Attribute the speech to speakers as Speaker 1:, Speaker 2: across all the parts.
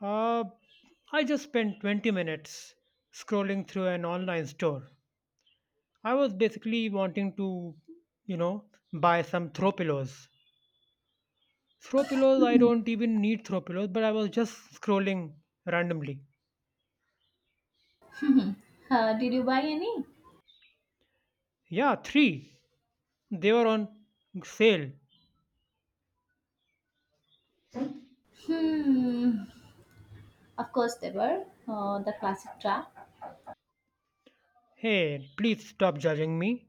Speaker 1: Uh, I just spent 20 minutes scrolling through an online store. I was basically wanting to, you know, buy some throw pillows. Throw pillows, I don't even need throw pillows, but I was just scrolling randomly.
Speaker 2: Mhm. Did you buy any?
Speaker 1: Yeah, three. They were on sale.
Speaker 2: Hmm. Of course they were. The classic trap.
Speaker 1: Hey, please stop judging me.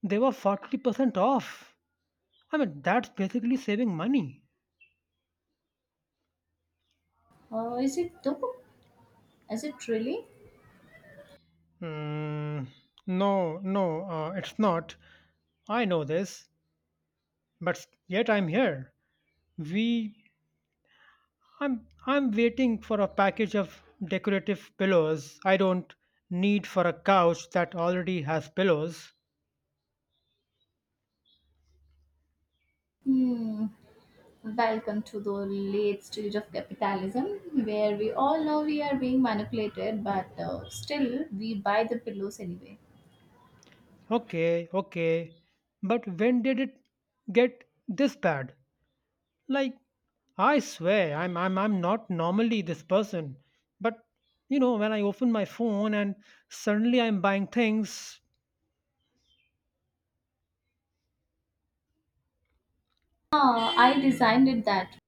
Speaker 1: They were 40% off. I mean, that's basically saving money.
Speaker 2: Is it though? Is it really?
Speaker 1: Mm, no, no, it's not. I know this, but yet I'm here. We, I'm waiting for a package of decorative pillows I don't need for a couch that already has pillows.
Speaker 2: Hmm. Welcome to the late stage of capitalism, where we all know we are being manipulated, but still we buy the pillows anyway.
Speaker 1: Okay, okay. But when did it get this bad? Like, I swear, I'm not normally this person. But, you know, when I open my phone and suddenly I'm buying things,
Speaker 2: Ah, I designed it that.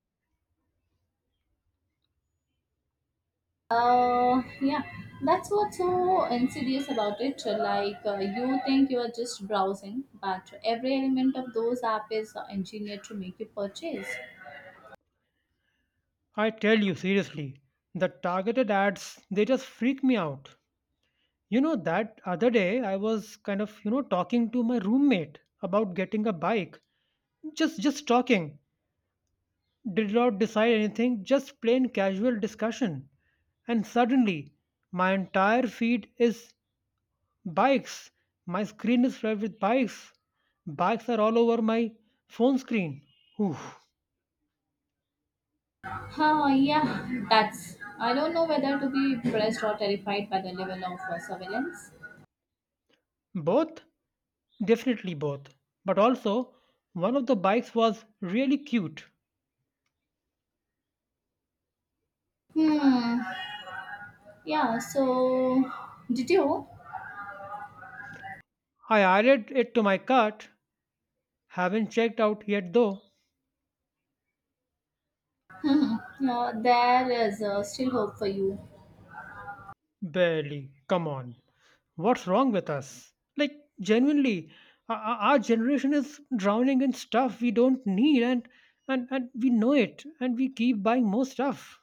Speaker 2: Yeah, that's what's so insidious about it. Like, you think you are just browsing, but every element of those app is engineered to make you purchase.
Speaker 1: I tell you seriously, the targeted ads, they just freak me out. You know, that other day I was kind of, you know, talking to my roommate about getting a bike. Just talking. Did not decide anything, just plain casual discussion. And suddenly my entire feed is bikes. My screen is flooded with bikes. Bikes are all over my phone screen. Oof.
Speaker 2: Huh, yeah, that's. I don't know whether to be impressed or terrified by the level of surveillance.
Speaker 1: Both? Definitely both. But also, one of the bikes was really cute.
Speaker 2: Hmm. Yeah, so did you?
Speaker 1: I added it to my cart. Haven't checked out yet though.
Speaker 2: Hmm. There is still hope for you.
Speaker 1: Barely. Come on. What's wrong with us? Like, genuinely, our generation is drowning in stuff we don't need, and we know it and we keep buying more stuff.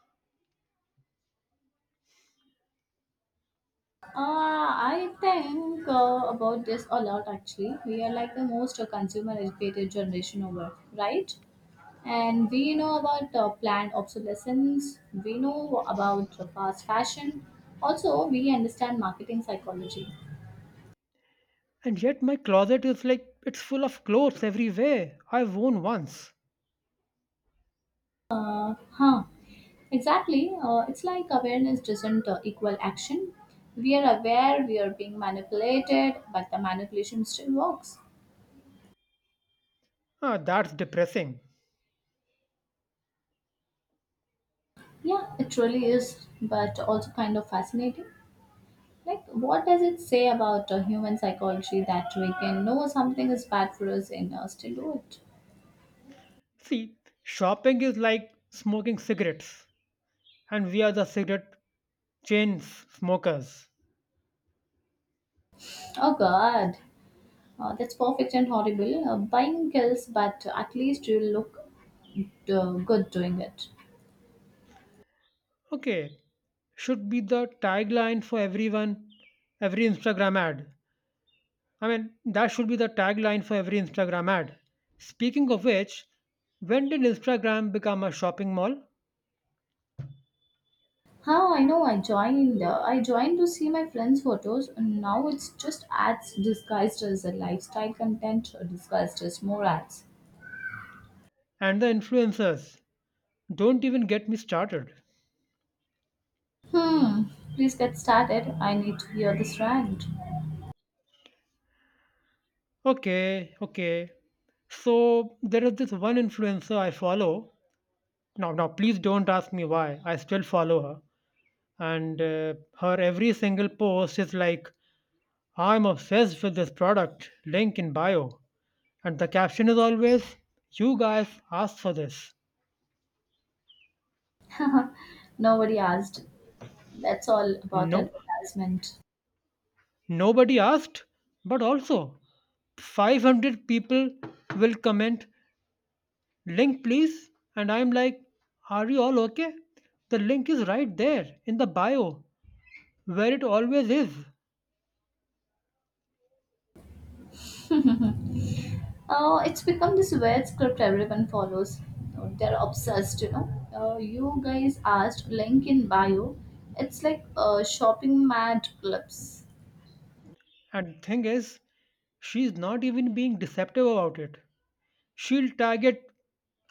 Speaker 2: I think about this a lot actually. We are like the most consumer educated generation over, right? And we know about planned obsolescence, we know about fast fashion, also, we understand marketing psychology.
Speaker 1: And yet my closet is like, it's full of clothes everywhere I've worn once.
Speaker 2: Huh. Exactly. It's like awareness doesn't equal action. We are aware we are being manipulated, but the manipulation still works.
Speaker 1: Ah, that's depressing.
Speaker 2: Yeah, it really is, but also kind of fascinating. Like, what does it say about human psychology that we can know something is bad for us and still do it?
Speaker 1: See, shopping is like smoking cigarettes and we are the cigarette chain smokers.
Speaker 2: Oh God, that's perfect and horrible. Buying kills, but at least you look good doing it.
Speaker 1: Okay, should be the tagline for everyone, every Instagram ad. I mean, that should be the tagline for every Instagram ad. Speaking of which, when did Instagram become a shopping mall?
Speaker 2: How I know I joined. I joined to see my friends' photos, and now it's just ads disguised as a lifestyle content, disguised as more ads.
Speaker 1: And the influencers. Don't even get me started.
Speaker 2: Hmm. Please get started. I need to hear this rant.
Speaker 1: Okay, okay. So there is this one influencer I follow. Now, now, please don't ask me why I still follow her, and her every single post is like I'm obsessed with this product, link in bio. And the caption is always, you guys asked for this.
Speaker 2: Nobody asked. That's all about
Speaker 1: No,
Speaker 2: advertisement.
Speaker 1: nobody asked, but also 500 people will comment, link please. And I'm like, are you all okay? The link is right there in the bio where it always is.
Speaker 2: It's become this weird script everyone follows. They're obsessed, you know. You guys asked, link in bio. It's like shopping mad clubs.
Speaker 1: And thing is, she's not even being deceptive about it. She'll tag it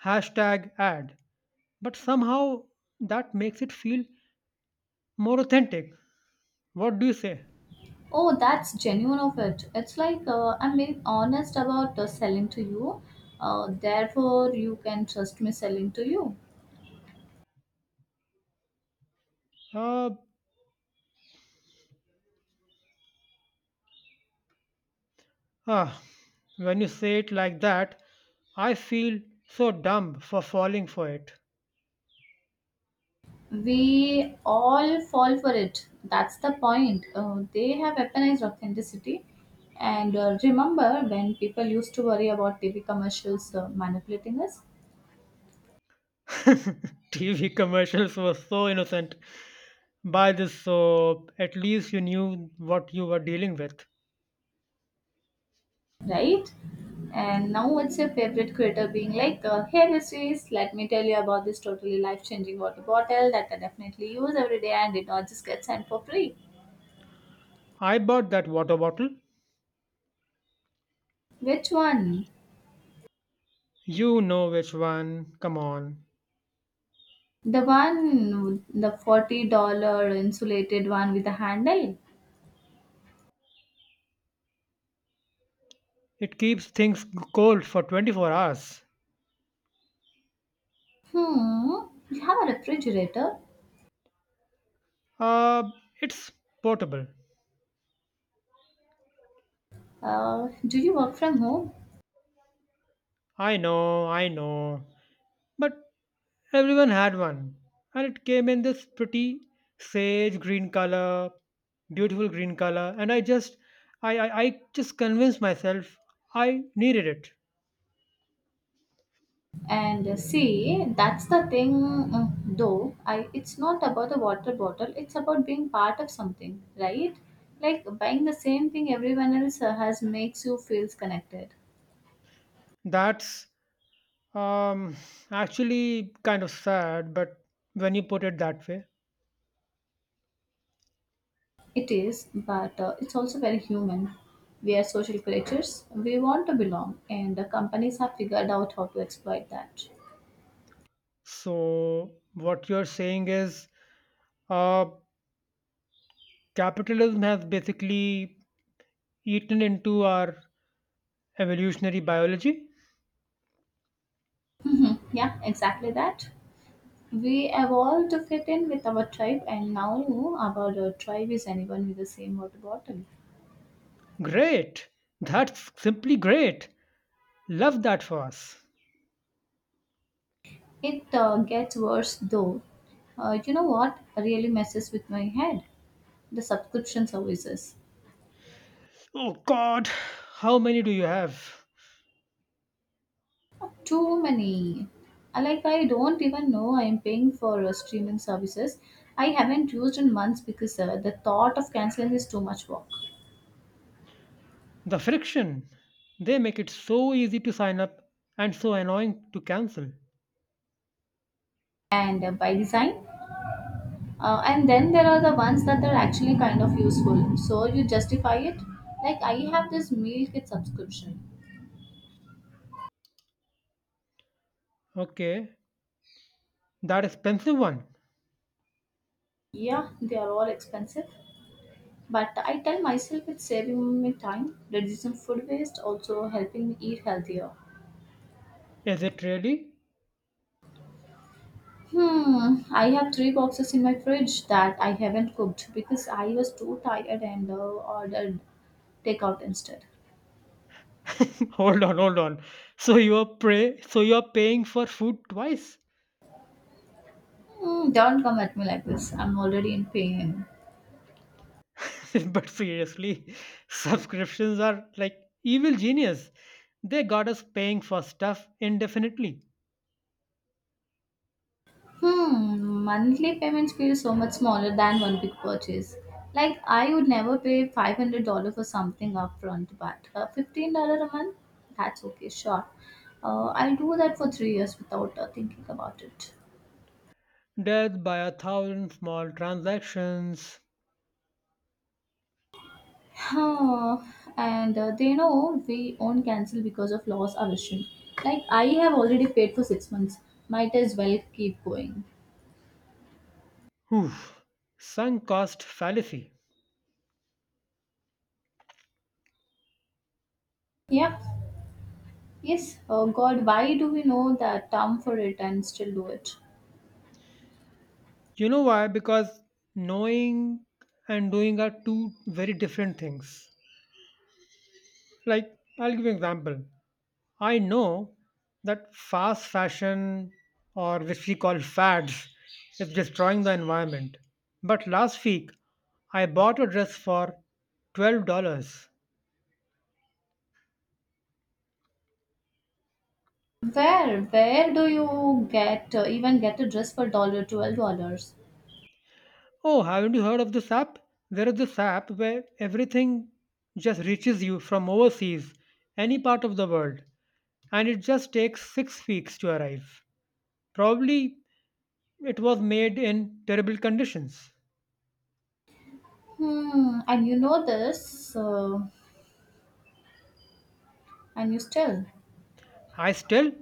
Speaker 1: hashtag ad, but somehow that makes it feel more authentic. What do you say?
Speaker 2: Oh, that's genuine of it. It's like I'm being honest about selling to you. Therefore, you can trust me selling to you.
Speaker 1: uh, ah, when you say it like that, I feel so dumb for falling for it.
Speaker 2: We all fall for it. That's the point. They have weaponized authenticity. And remember when people used to worry about TV commercials manipulating us,
Speaker 1: TV commercials were so innocent. Buy this soap, at least you knew what you were dealing with.
Speaker 2: right? And now it's your favorite creator being like, "Hey, Mysteries, let me tell you about this totally life-changing water bottle that I definitely use every day and did not just get sent for free."
Speaker 1: I bought that water bottle.
Speaker 2: Which one?
Speaker 1: You know which one, come on.
Speaker 2: The one, the 40-dollar insulated one with a handle.
Speaker 1: It keeps things cold for 24 hours.
Speaker 2: Hmm, you have a refrigerator.
Speaker 1: Uh, it's portable.
Speaker 2: Do you work from home?
Speaker 1: I know, I know. But everyone had one. And it came in this pretty sage green color, beautiful green color. And I just, I just convinced myself I needed it.
Speaker 2: And see, that's the thing, though. I it's not about the water bottle. It's about being part of something, right? Like buying the same thing everyone else has makes you feels connected.
Speaker 1: That's um, actually kind of sad, but when you put it that way.
Speaker 2: It is, but it's also very human. We are social creatures. We want to belong, and the companies have figured out how to exploit that.
Speaker 1: So, what you're saying is uh, capitalism has basically eaten into our evolutionary biology?
Speaker 2: Yeah, exactly that. We evolved to fit in with our tribe, and now our tribe is anyone with the same water bottle.
Speaker 1: Great. That's simply great. Love that for us.
Speaker 2: It gets worse though. You know what really messes with my head? The subscription services.
Speaker 1: Oh god, how many do you have?
Speaker 2: Too many. Like, I don't even know I am paying for streaming services. I haven't used in months because the thought of canceling is too much work.
Speaker 1: The friction. They make it so easy to sign up and so annoying to cancel.
Speaker 2: And by design. And then there are the ones that are actually kind of useful. So you justify it. Like I have this meal kit subscription.
Speaker 1: Okay, that expensive one.
Speaker 2: Yeah, they are all expensive. But I tell myself it's saving me time, reducing food waste, also helping me eat healthier.
Speaker 1: Is it really?
Speaker 2: Hmm, I have three boxes in my fridge that I haven't cooked because I was too tired and ordered takeout instead.
Speaker 1: Hold on, hold on. So you are paying for food twice?
Speaker 2: Hmm, don't come at me like this. I'm already in pain.
Speaker 1: But seriously, subscriptions are like evil genius. They got us paying for stuff indefinitely.
Speaker 2: Hmm, monthly payments feel so much smaller than one big purchase. Like I would never pay $500 for something upfront, but $15 a month, that's okay, sure. I'll do that for 3 years without thinking about it.
Speaker 1: Death by a thousand small transactions.
Speaker 2: Huh. And they know we won't cancel because of loss aversion. Like I have already paid for 6 months, might as well keep going.
Speaker 1: Whew. Sunk cost fallacy.
Speaker 2: Yeah. Yes. Oh God, why do we know that term for it and still do it?
Speaker 1: You know why? Because knowing and doing are two very different things. Like, I'll give you an example. I know that fast fashion, or which we call fads, is destroying the environment. But last week, I bought a dress for $12.
Speaker 2: Where do you get even get a dress for dollar $12?
Speaker 1: Oh, haven't you heard of this app? There is this app where everything just reaches you from overseas, any part of the world, and it just takes 6 weeks to arrive. Probably it was made in terrible conditions.
Speaker 2: Hmm, and you know this, and you still,
Speaker 1: I still,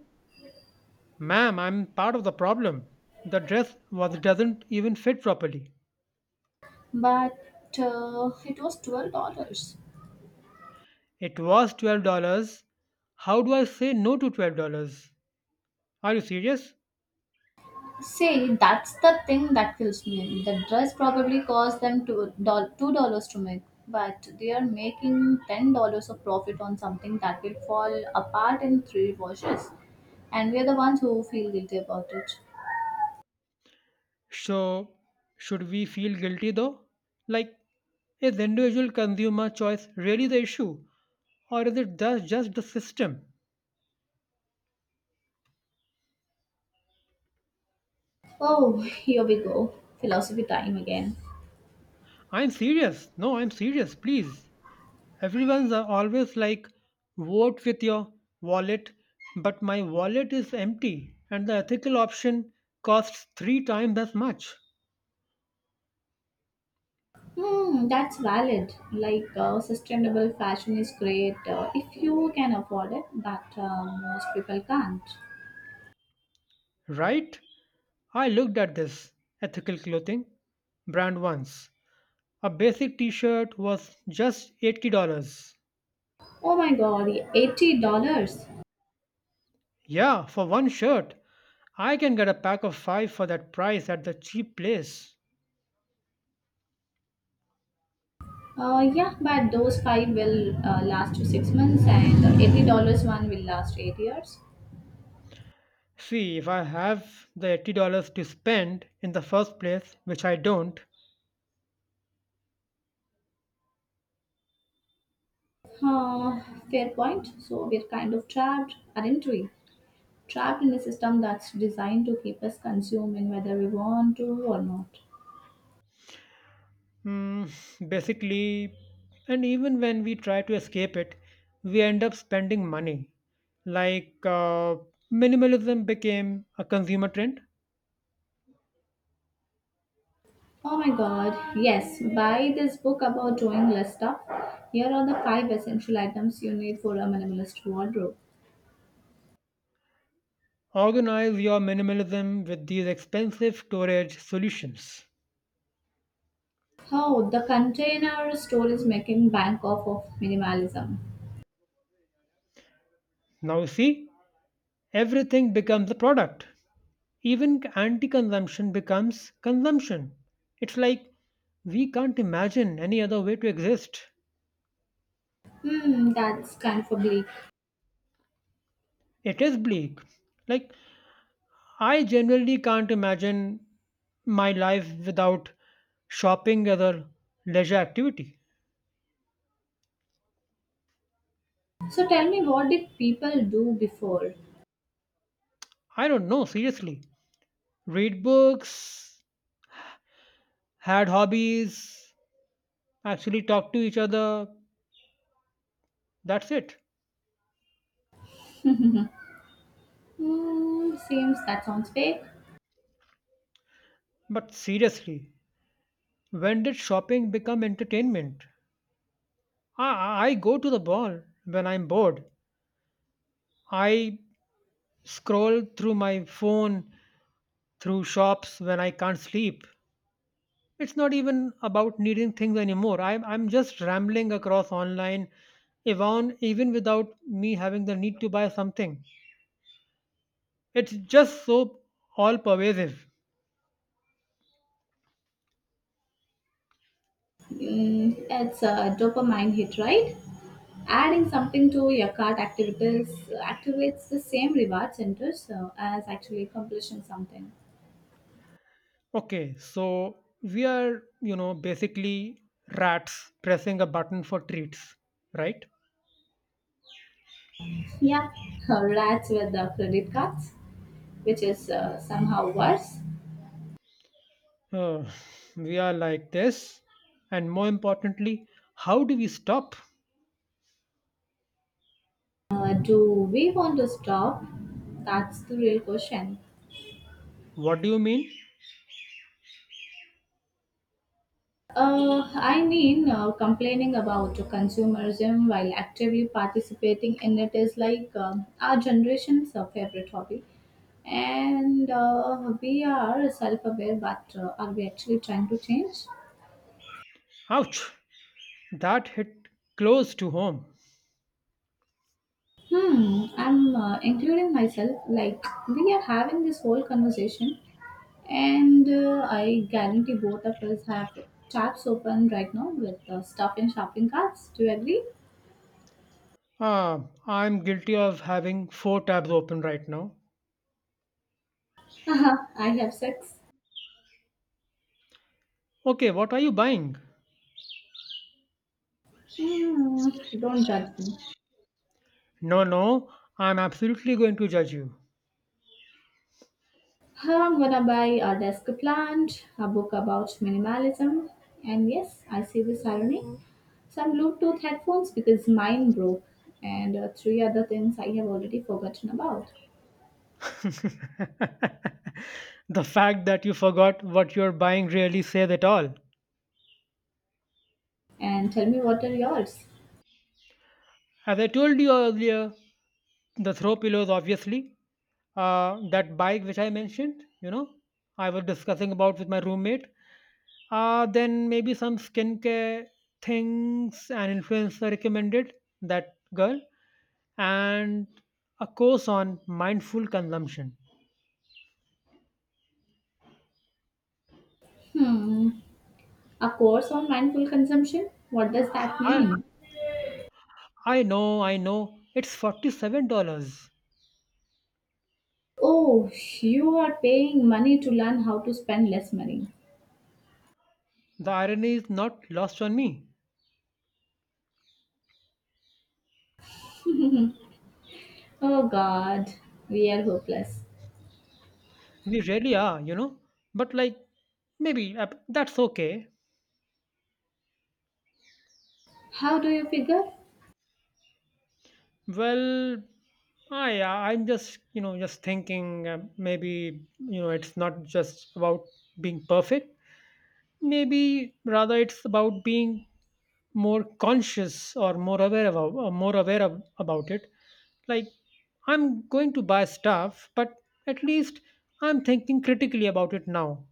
Speaker 1: ma'am, I'm part of the problem. The dress was doesn't even fit properly.
Speaker 2: but it was $12.
Speaker 1: It was $12. How do I say no to $12? Are you serious?
Speaker 2: See, that's the thing that kills me. The dress probably cost them two dollars to make, but they are making $10 of profit on something that will fall apart in three washes, and we are the ones who feel guilty about it.
Speaker 1: So, should we feel guilty though? Like, is the individual consumer choice really the issue? Or is it just the system?
Speaker 2: Oh, here we go, philosophy time again.
Speaker 1: I'm serious. No, I'm serious. Please. Everyone's always like, vote with your wallet, but my wallet is empty and the ethical option costs three times as much.
Speaker 2: Hmm, that's valid. Like sustainable fashion is great if you can afford it, but most people can't.
Speaker 1: Right? I looked at this ethical clothing brand once. A basic t-shirt was just $80.
Speaker 2: Oh my God, $80.
Speaker 1: Yeah, for one shirt. I can get a pack of five for that price at the cheap place.
Speaker 2: Yeah, but those five will last you 6 months, and the $80 one will last 8 years.
Speaker 1: See, if I have the $80 to spend in the first place, which I don't,
Speaker 2: Uh, Fair point. So we're kind of trapped, aren't we? Trapped in a system that's designed to keep us consuming whether we want to or not.
Speaker 1: basically, and even when we try to escape it, we end up spending money. Like minimalism became a consumer trend.
Speaker 2: Oh my god, yes, buy this book about doing less stuff. Here are the five essential items you need for a minimalist wardrobe.
Speaker 1: Organize your minimalism with these expensive storage solutions.
Speaker 2: Oh, the Container Store is making bank off of minimalism.
Speaker 1: Now see, everything becomes a product. Even anti-consumption becomes consumption. It's like we can't imagine any other way to exist.
Speaker 2: Hmm, that's kind of a bleak.
Speaker 1: It is bleak. Like I generally can't imagine my life without shopping as a leisure activity.
Speaker 2: So tell me, what did people do before?
Speaker 1: I don't know, seriously. Read books, had hobbies, actually talk to each other. That's it.
Speaker 2: Hmm, seems that sounds fake.
Speaker 1: But seriously, when did shopping become entertainment? I go to the mall when I'm bored. I scroll through my phone, through shops when I can't sleep. It's not even about needing things anymore. I'm just rambling across online, even without me having the need to buy something. It's just so all pervasive.
Speaker 2: Hmm, it's a dopamine hit, right? Adding something to your cart activities activates the same reward centers as actually accomplishing something.
Speaker 1: Okay, so we are, you know, basically rats pressing a button for treats, right?
Speaker 2: Yeah, rats with the credit cards, which is somehow worse.
Speaker 1: Uh, we are like this. And more importantly, how do we stop?
Speaker 2: Do we want to stop? That's the real question.
Speaker 1: What do you mean?
Speaker 2: I mean, complaining about consumerism while actively participating in it is like our generation's favorite hobby. And we are self aware, but are we actually trying to change?
Speaker 1: Ouch! That hit close to home.
Speaker 2: Hmm, I'm including myself. Like, we are having this whole conversation. And I guarantee both of us have tabs open right now with stuff and shopping carts. Do you agree?
Speaker 1: Ah, I'm guilty of having four tabs open right now.
Speaker 2: I have six.
Speaker 1: Okay, what are you buying?
Speaker 2: Hmm, don't judge me.
Speaker 1: No, no, I'm absolutely going to judge you.
Speaker 2: I'm gonna buy a desk plant, a book about minimalism, and yes, I see this irony. Some Bluetooth headphones because mine broke, and three other things I have already forgotten about.
Speaker 1: The fact that you forgot what you're buying really says it all.
Speaker 2: And tell me what are yours?
Speaker 1: As I told you earlier, the throw pillows, obviously. That bike which I mentioned, you know, I was discussing about with my roommate. Then maybe some skincare things an influencer recommended, that girl. And a course on mindful consumption.
Speaker 2: Hmm, a course on mindful consumption? What does that
Speaker 1: I
Speaker 2: mean?
Speaker 1: I know, I know. It's $47.
Speaker 2: Oh, you are paying money to learn how to spend less money.
Speaker 1: The irony is not lost on me.
Speaker 2: Oh God, we are hopeless.
Speaker 1: We really are, you know. But like, maybe that's okay.
Speaker 2: How do you figure?
Speaker 1: Well, I'm just, you know, just thinking maybe, you know, it's not just about being perfect. Maybe rather it's about being more conscious or more aware about, or more aware of, about it. Like, I'm going to buy stuff, but at least I'm thinking critically about it now,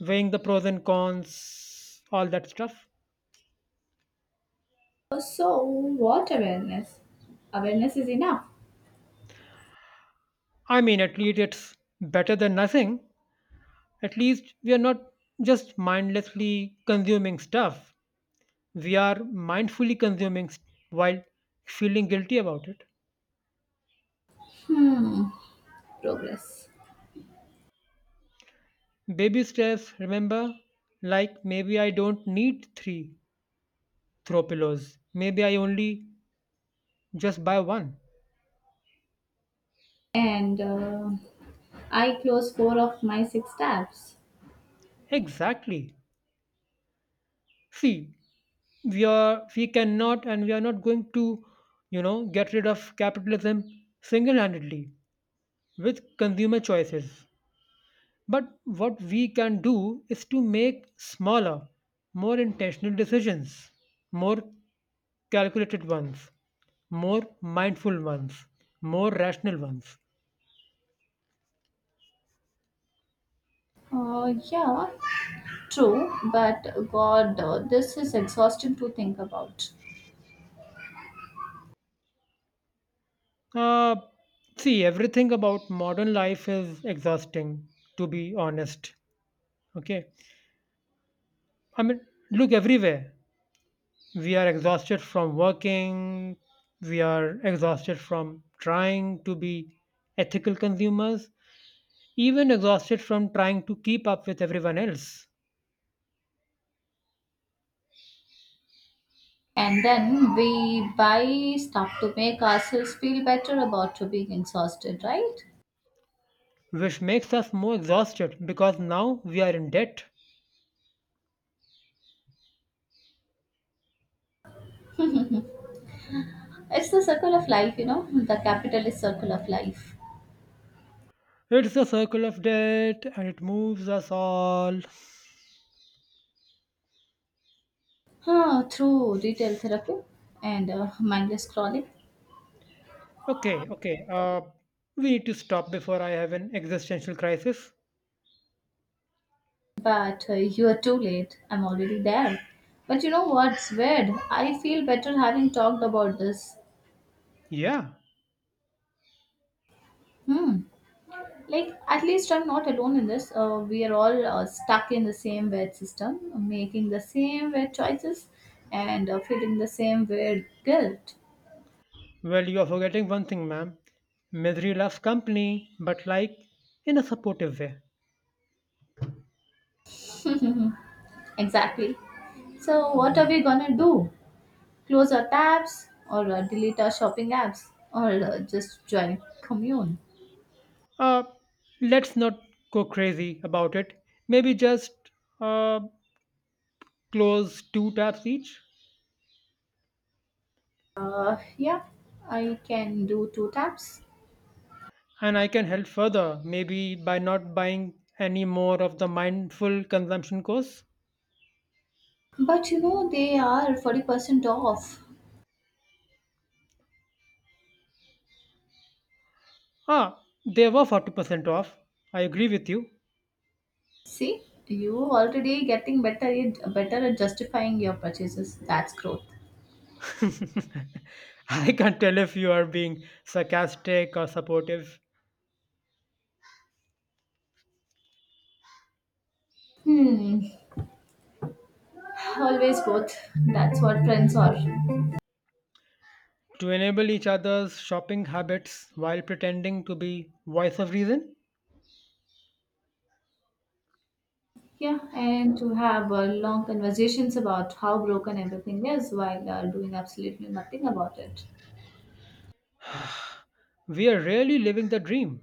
Speaker 1: weighing the pros and cons, all that stuff.
Speaker 2: Oh, so, what awareness? Awareness is enough.
Speaker 1: I mean, at least it's better than nothing. At least we are not just mindlessly consuming stuff, we are mindfully consuming while feeling guilty about it.
Speaker 2: Hmm, progress.
Speaker 1: Baby steps, remember, like maybe I don't need three throw pillows, maybe I only just buy one.
Speaker 2: And I close four of my six tabs.
Speaker 1: Exactly. See, we cannot and we are not going to, you know, get rid of capitalism single-handedly with consumer choices. But what we can do is to make smaller, more intentional decisions, more calculated ones, more mindful ones, more rational ones.
Speaker 2: Yeah, true, but God, this is exhausting to think about.
Speaker 1: Uh, See, everything about modern life is exhausting, to be honest. Okay. I mean, look everywhere. We are exhausted from working, we are exhausted from trying to be ethical consumers, even exhausted from trying to keep up with everyone else,
Speaker 2: And then we buy stuff to make ourselves feel better about to being exhausted, right?
Speaker 1: which makes us more exhausted because now we are in debt.
Speaker 2: It's the circle of life, the capitalist circle of life.
Speaker 1: It's a circle of debt and it moves us all.
Speaker 2: Huh, through retail therapy and mindless scrolling.
Speaker 1: Okay, okay, we need to stop before I have an existential crisis.
Speaker 2: But you are too late. I'm already there. But you know what's weird? I feel better having talked about this.
Speaker 1: Yeah,
Speaker 2: Hmm. Like, at least I'm not alone in this. We are all stuck in the same weird system, making the same weird choices and feeling the same weird guilt.
Speaker 1: well, you are forgetting one thing, ma'am. Misery loves company, but like in a supportive way.
Speaker 2: Exactly. So, what are we gonna do? Close our tabs or delete our shopping apps or just join commune.
Speaker 1: Uh, let's not go crazy about it. Maybe just uh, close two tabs each.
Speaker 2: Yeah, I can do two taps.
Speaker 1: And I can help further, maybe by not buying any more of the mindful consumption course.
Speaker 2: But you know they are 40% off.
Speaker 1: Ah, they were 40% off. I agree with you.
Speaker 2: See, you already getting better at justifying your purchases. That's growth.
Speaker 1: I can't tell if you are being sarcastic or supportive.
Speaker 2: Hmm, always both. That's what friends are.
Speaker 1: To enable each other's shopping habits while pretending to be voice of reason,
Speaker 2: Yeah, and to have long conversations about how broken everything is while doing absolutely nothing about it.
Speaker 1: we are really living the dream.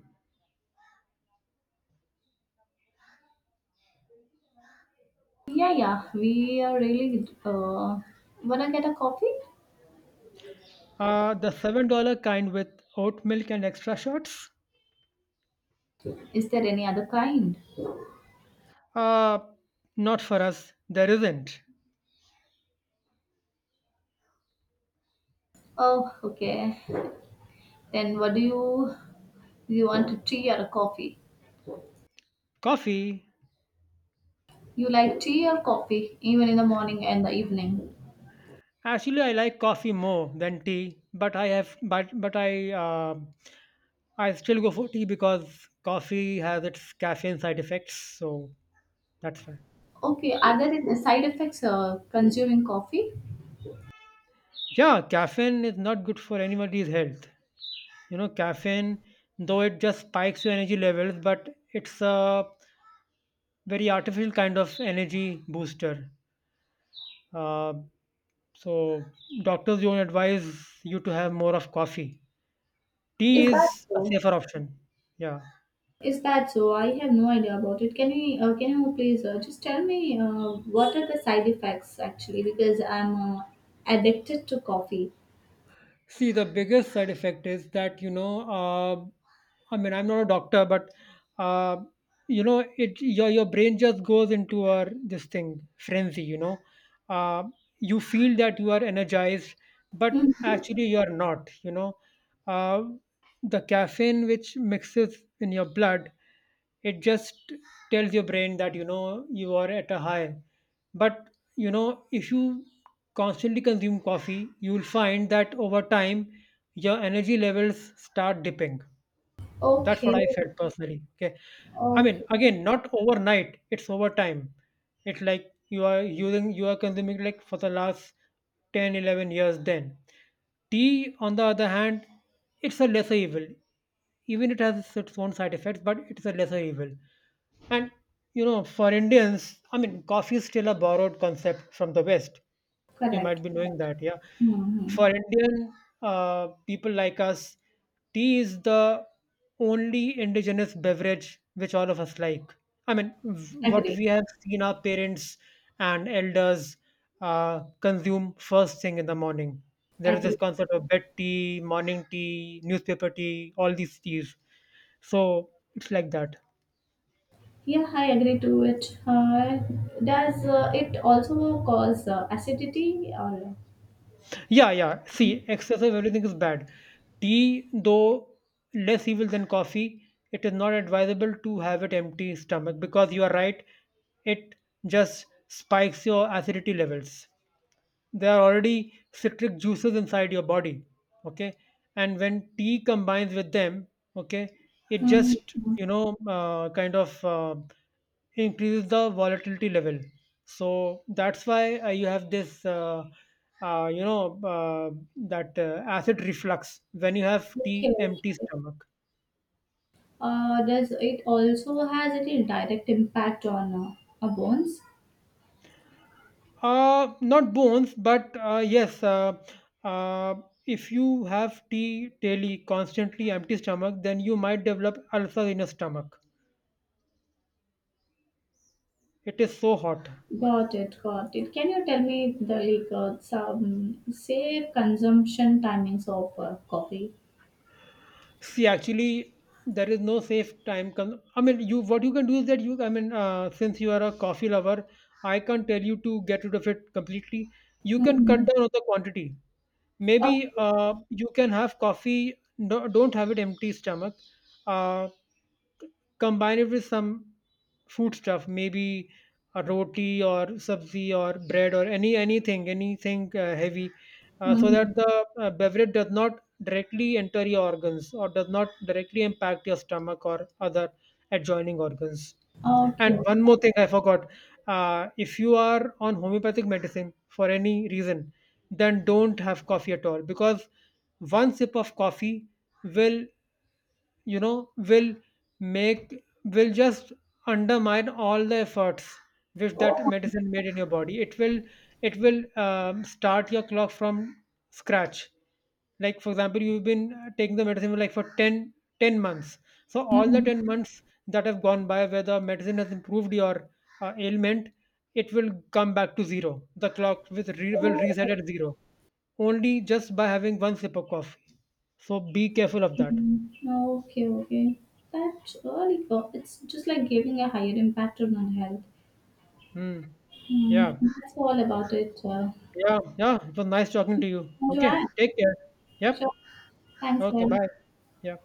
Speaker 2: Yeah, yeah, we are really. Wanna get a coffee?
Speaker 1: The $7 kind with oat milk and extra shots?
Speaker 2: Is there any other kind?
Speaker 1: Uh, Not for us. There isn't.
Speaker 2: Oh, okay. Then what do you want, a tea or a coffee?
Speaker 1: Coffee.
Speaker 2: You like tea or coffee, even in the morning and the evening?
Speaker 1: Actually, I like coffee more than tea, but I have but I still go for tea because coffee has its caffeine side effects, so that's fine.
Speaker 2: Okay. Are there any side effects consuming coffee?
Speaker 1: Yeah, caffeine is not good for anybody's health. You know, caffeine, though it just spikes your energy levels, but it's a very artificial kind of energy booster. Uh, so doctors don't advise you to have more of coffee.
Speaker 2: Is
Speaker 1: Tea
Speaker 2: that
Speaker 1: is a
Speaker 2: so?
Speaker 1: safer option. Yeah.
Speaker 2: Is that so? I have no idea about it. Can you please just tell me what are the side effects actually? Because I'm addicted to coffee.
Speaker 1: See, the biggest side effect is that, I'm not a doctor, but, uh, it your brain just goes into this thing, frenzy, you know. Uh, you feel that you are energized, but
Speaker 2: Hmm.
Speaker 1: actually you're not. Uh, the caffeine which mixes in your blood it just tells your brain that you know you are at a high, but you know if you constantly consume coffee you will find that over time your energy levels start dipping. That's
Speaker 2: Okay.
Speaker 1: what I felt personally. Okay.
Speaker 2: Okay,
Speaker 1: Again, not overnight, it's over time. It's like you are using, you are consuming like for the last 10, 11 years then. Tea, on the other hand, it's a lesser evil. Even it has its own side effects, but it's a lesser evil. And for Indians, coffee is still a borrowed concept from the West. You
Speaker 2: correct,
Speaker 1: might be knowing
Speaker 2: correct.
Speaker 1: that, yeah.
Speaker 2: Mm-hmm.
Speaker 1: For Indian people like us, tea is the only indigenous beverage which all of us like. What
Speaker 2: Agree,
Speaker 1: we have seen our parents and elders consume first thing in the morning. There is this
Speaker 2: agree.
Speaker 1: concept of bed tea, morning tea, newspaper tea, all these teas. So it's like that.
Speaker 2: Yeah, I agree to it. Does it also cause acidity or?
Speaker 1: Yeah, yeah. See, excessive everything is bad. Tea, though less evil than coffee, it is not advisable to have it empty stomach because you are right, it just spikes your acidity levels. There are already citric juices inside your body. Okay. And when tea combines with them, okay, it
Speaker 2: Mhm.
Speaker 1: just kind of increases the volatility level. So that's why you have this you know that acid reflux when you have
Speaker 2: Okay.
Speaker 1: tea empty
Speaker 2: Okay.
Speaker 1: stomach.
Speaker 2: Does it also has any direct impact on our bones?
Speaker 1: Not bones, but yes, uh, if you have tea daily, constantly empty stomach, then you might develop ulcer in your stomach. It is so hot.
Speaker 2: Got it, got it. Can you tell me the like some safe consumption timings of coffee?
Speaker 1: See, actually, there is no safe time. You, what you can do is that you, since you are a coffee lover, I can't tell you to get rid of it completely. You can
Speaker 2: Mm-hmm.
Speaker 1: cut down on the quantity.
Speaker 2: Oh,
Speaker 1: Maybe you can have coffee. No, don't have it empty stomach. Uh, combine it with some food stuff, maybe a roti or sabzi or bread or anything, anything heavy, so
Speaker 2: mhm.
Speaker 1: that the beverage does not directly enter your organs or does not directly impact your stomach or other adjoining organs.
Speaker 2: Okay.
Speaker 1: And one more thing I forgot. If you are on homeopathic medicine for any reason, then don't have coffee at all, because one sip of coffee will you know will make will just undermine all the efforts which that
Speaker 2: Oh,
Speaker 1: medicine made in your body. It will start your clock from scratch. Like for example, you've been taking the medicine for like for 10 months, so all the
Speaker 2: mhm.
Speaker 1: 10 months that have gone by where the medicine has improved your ailment, it will come back to zero. The clock with will
Speaker 2: Oh.
Speaker 1: reset at zero only just by having one sip of coffee. So be careful of that.
Speaker 2: Mm, oh, okay, okay. That early, it's just like giving a higher impact on our health.
Speaker 1: Hmm.
Speaker 2: Mm,
Speaker 1: Yeah.
Speaker 2: that's all about it.
Speaker 1: Yeah. Yeah, it was nice talking to you.
Speaker 2: Want to
Speaker 1: Okay.
Speaker 2: add?
Speaker 1: Take care. Yep.
Speaker 2: Sure. Thanks,
Speaker 1: Okay.
Speaker 2: well.
Speaker 1: Bye. Yeah.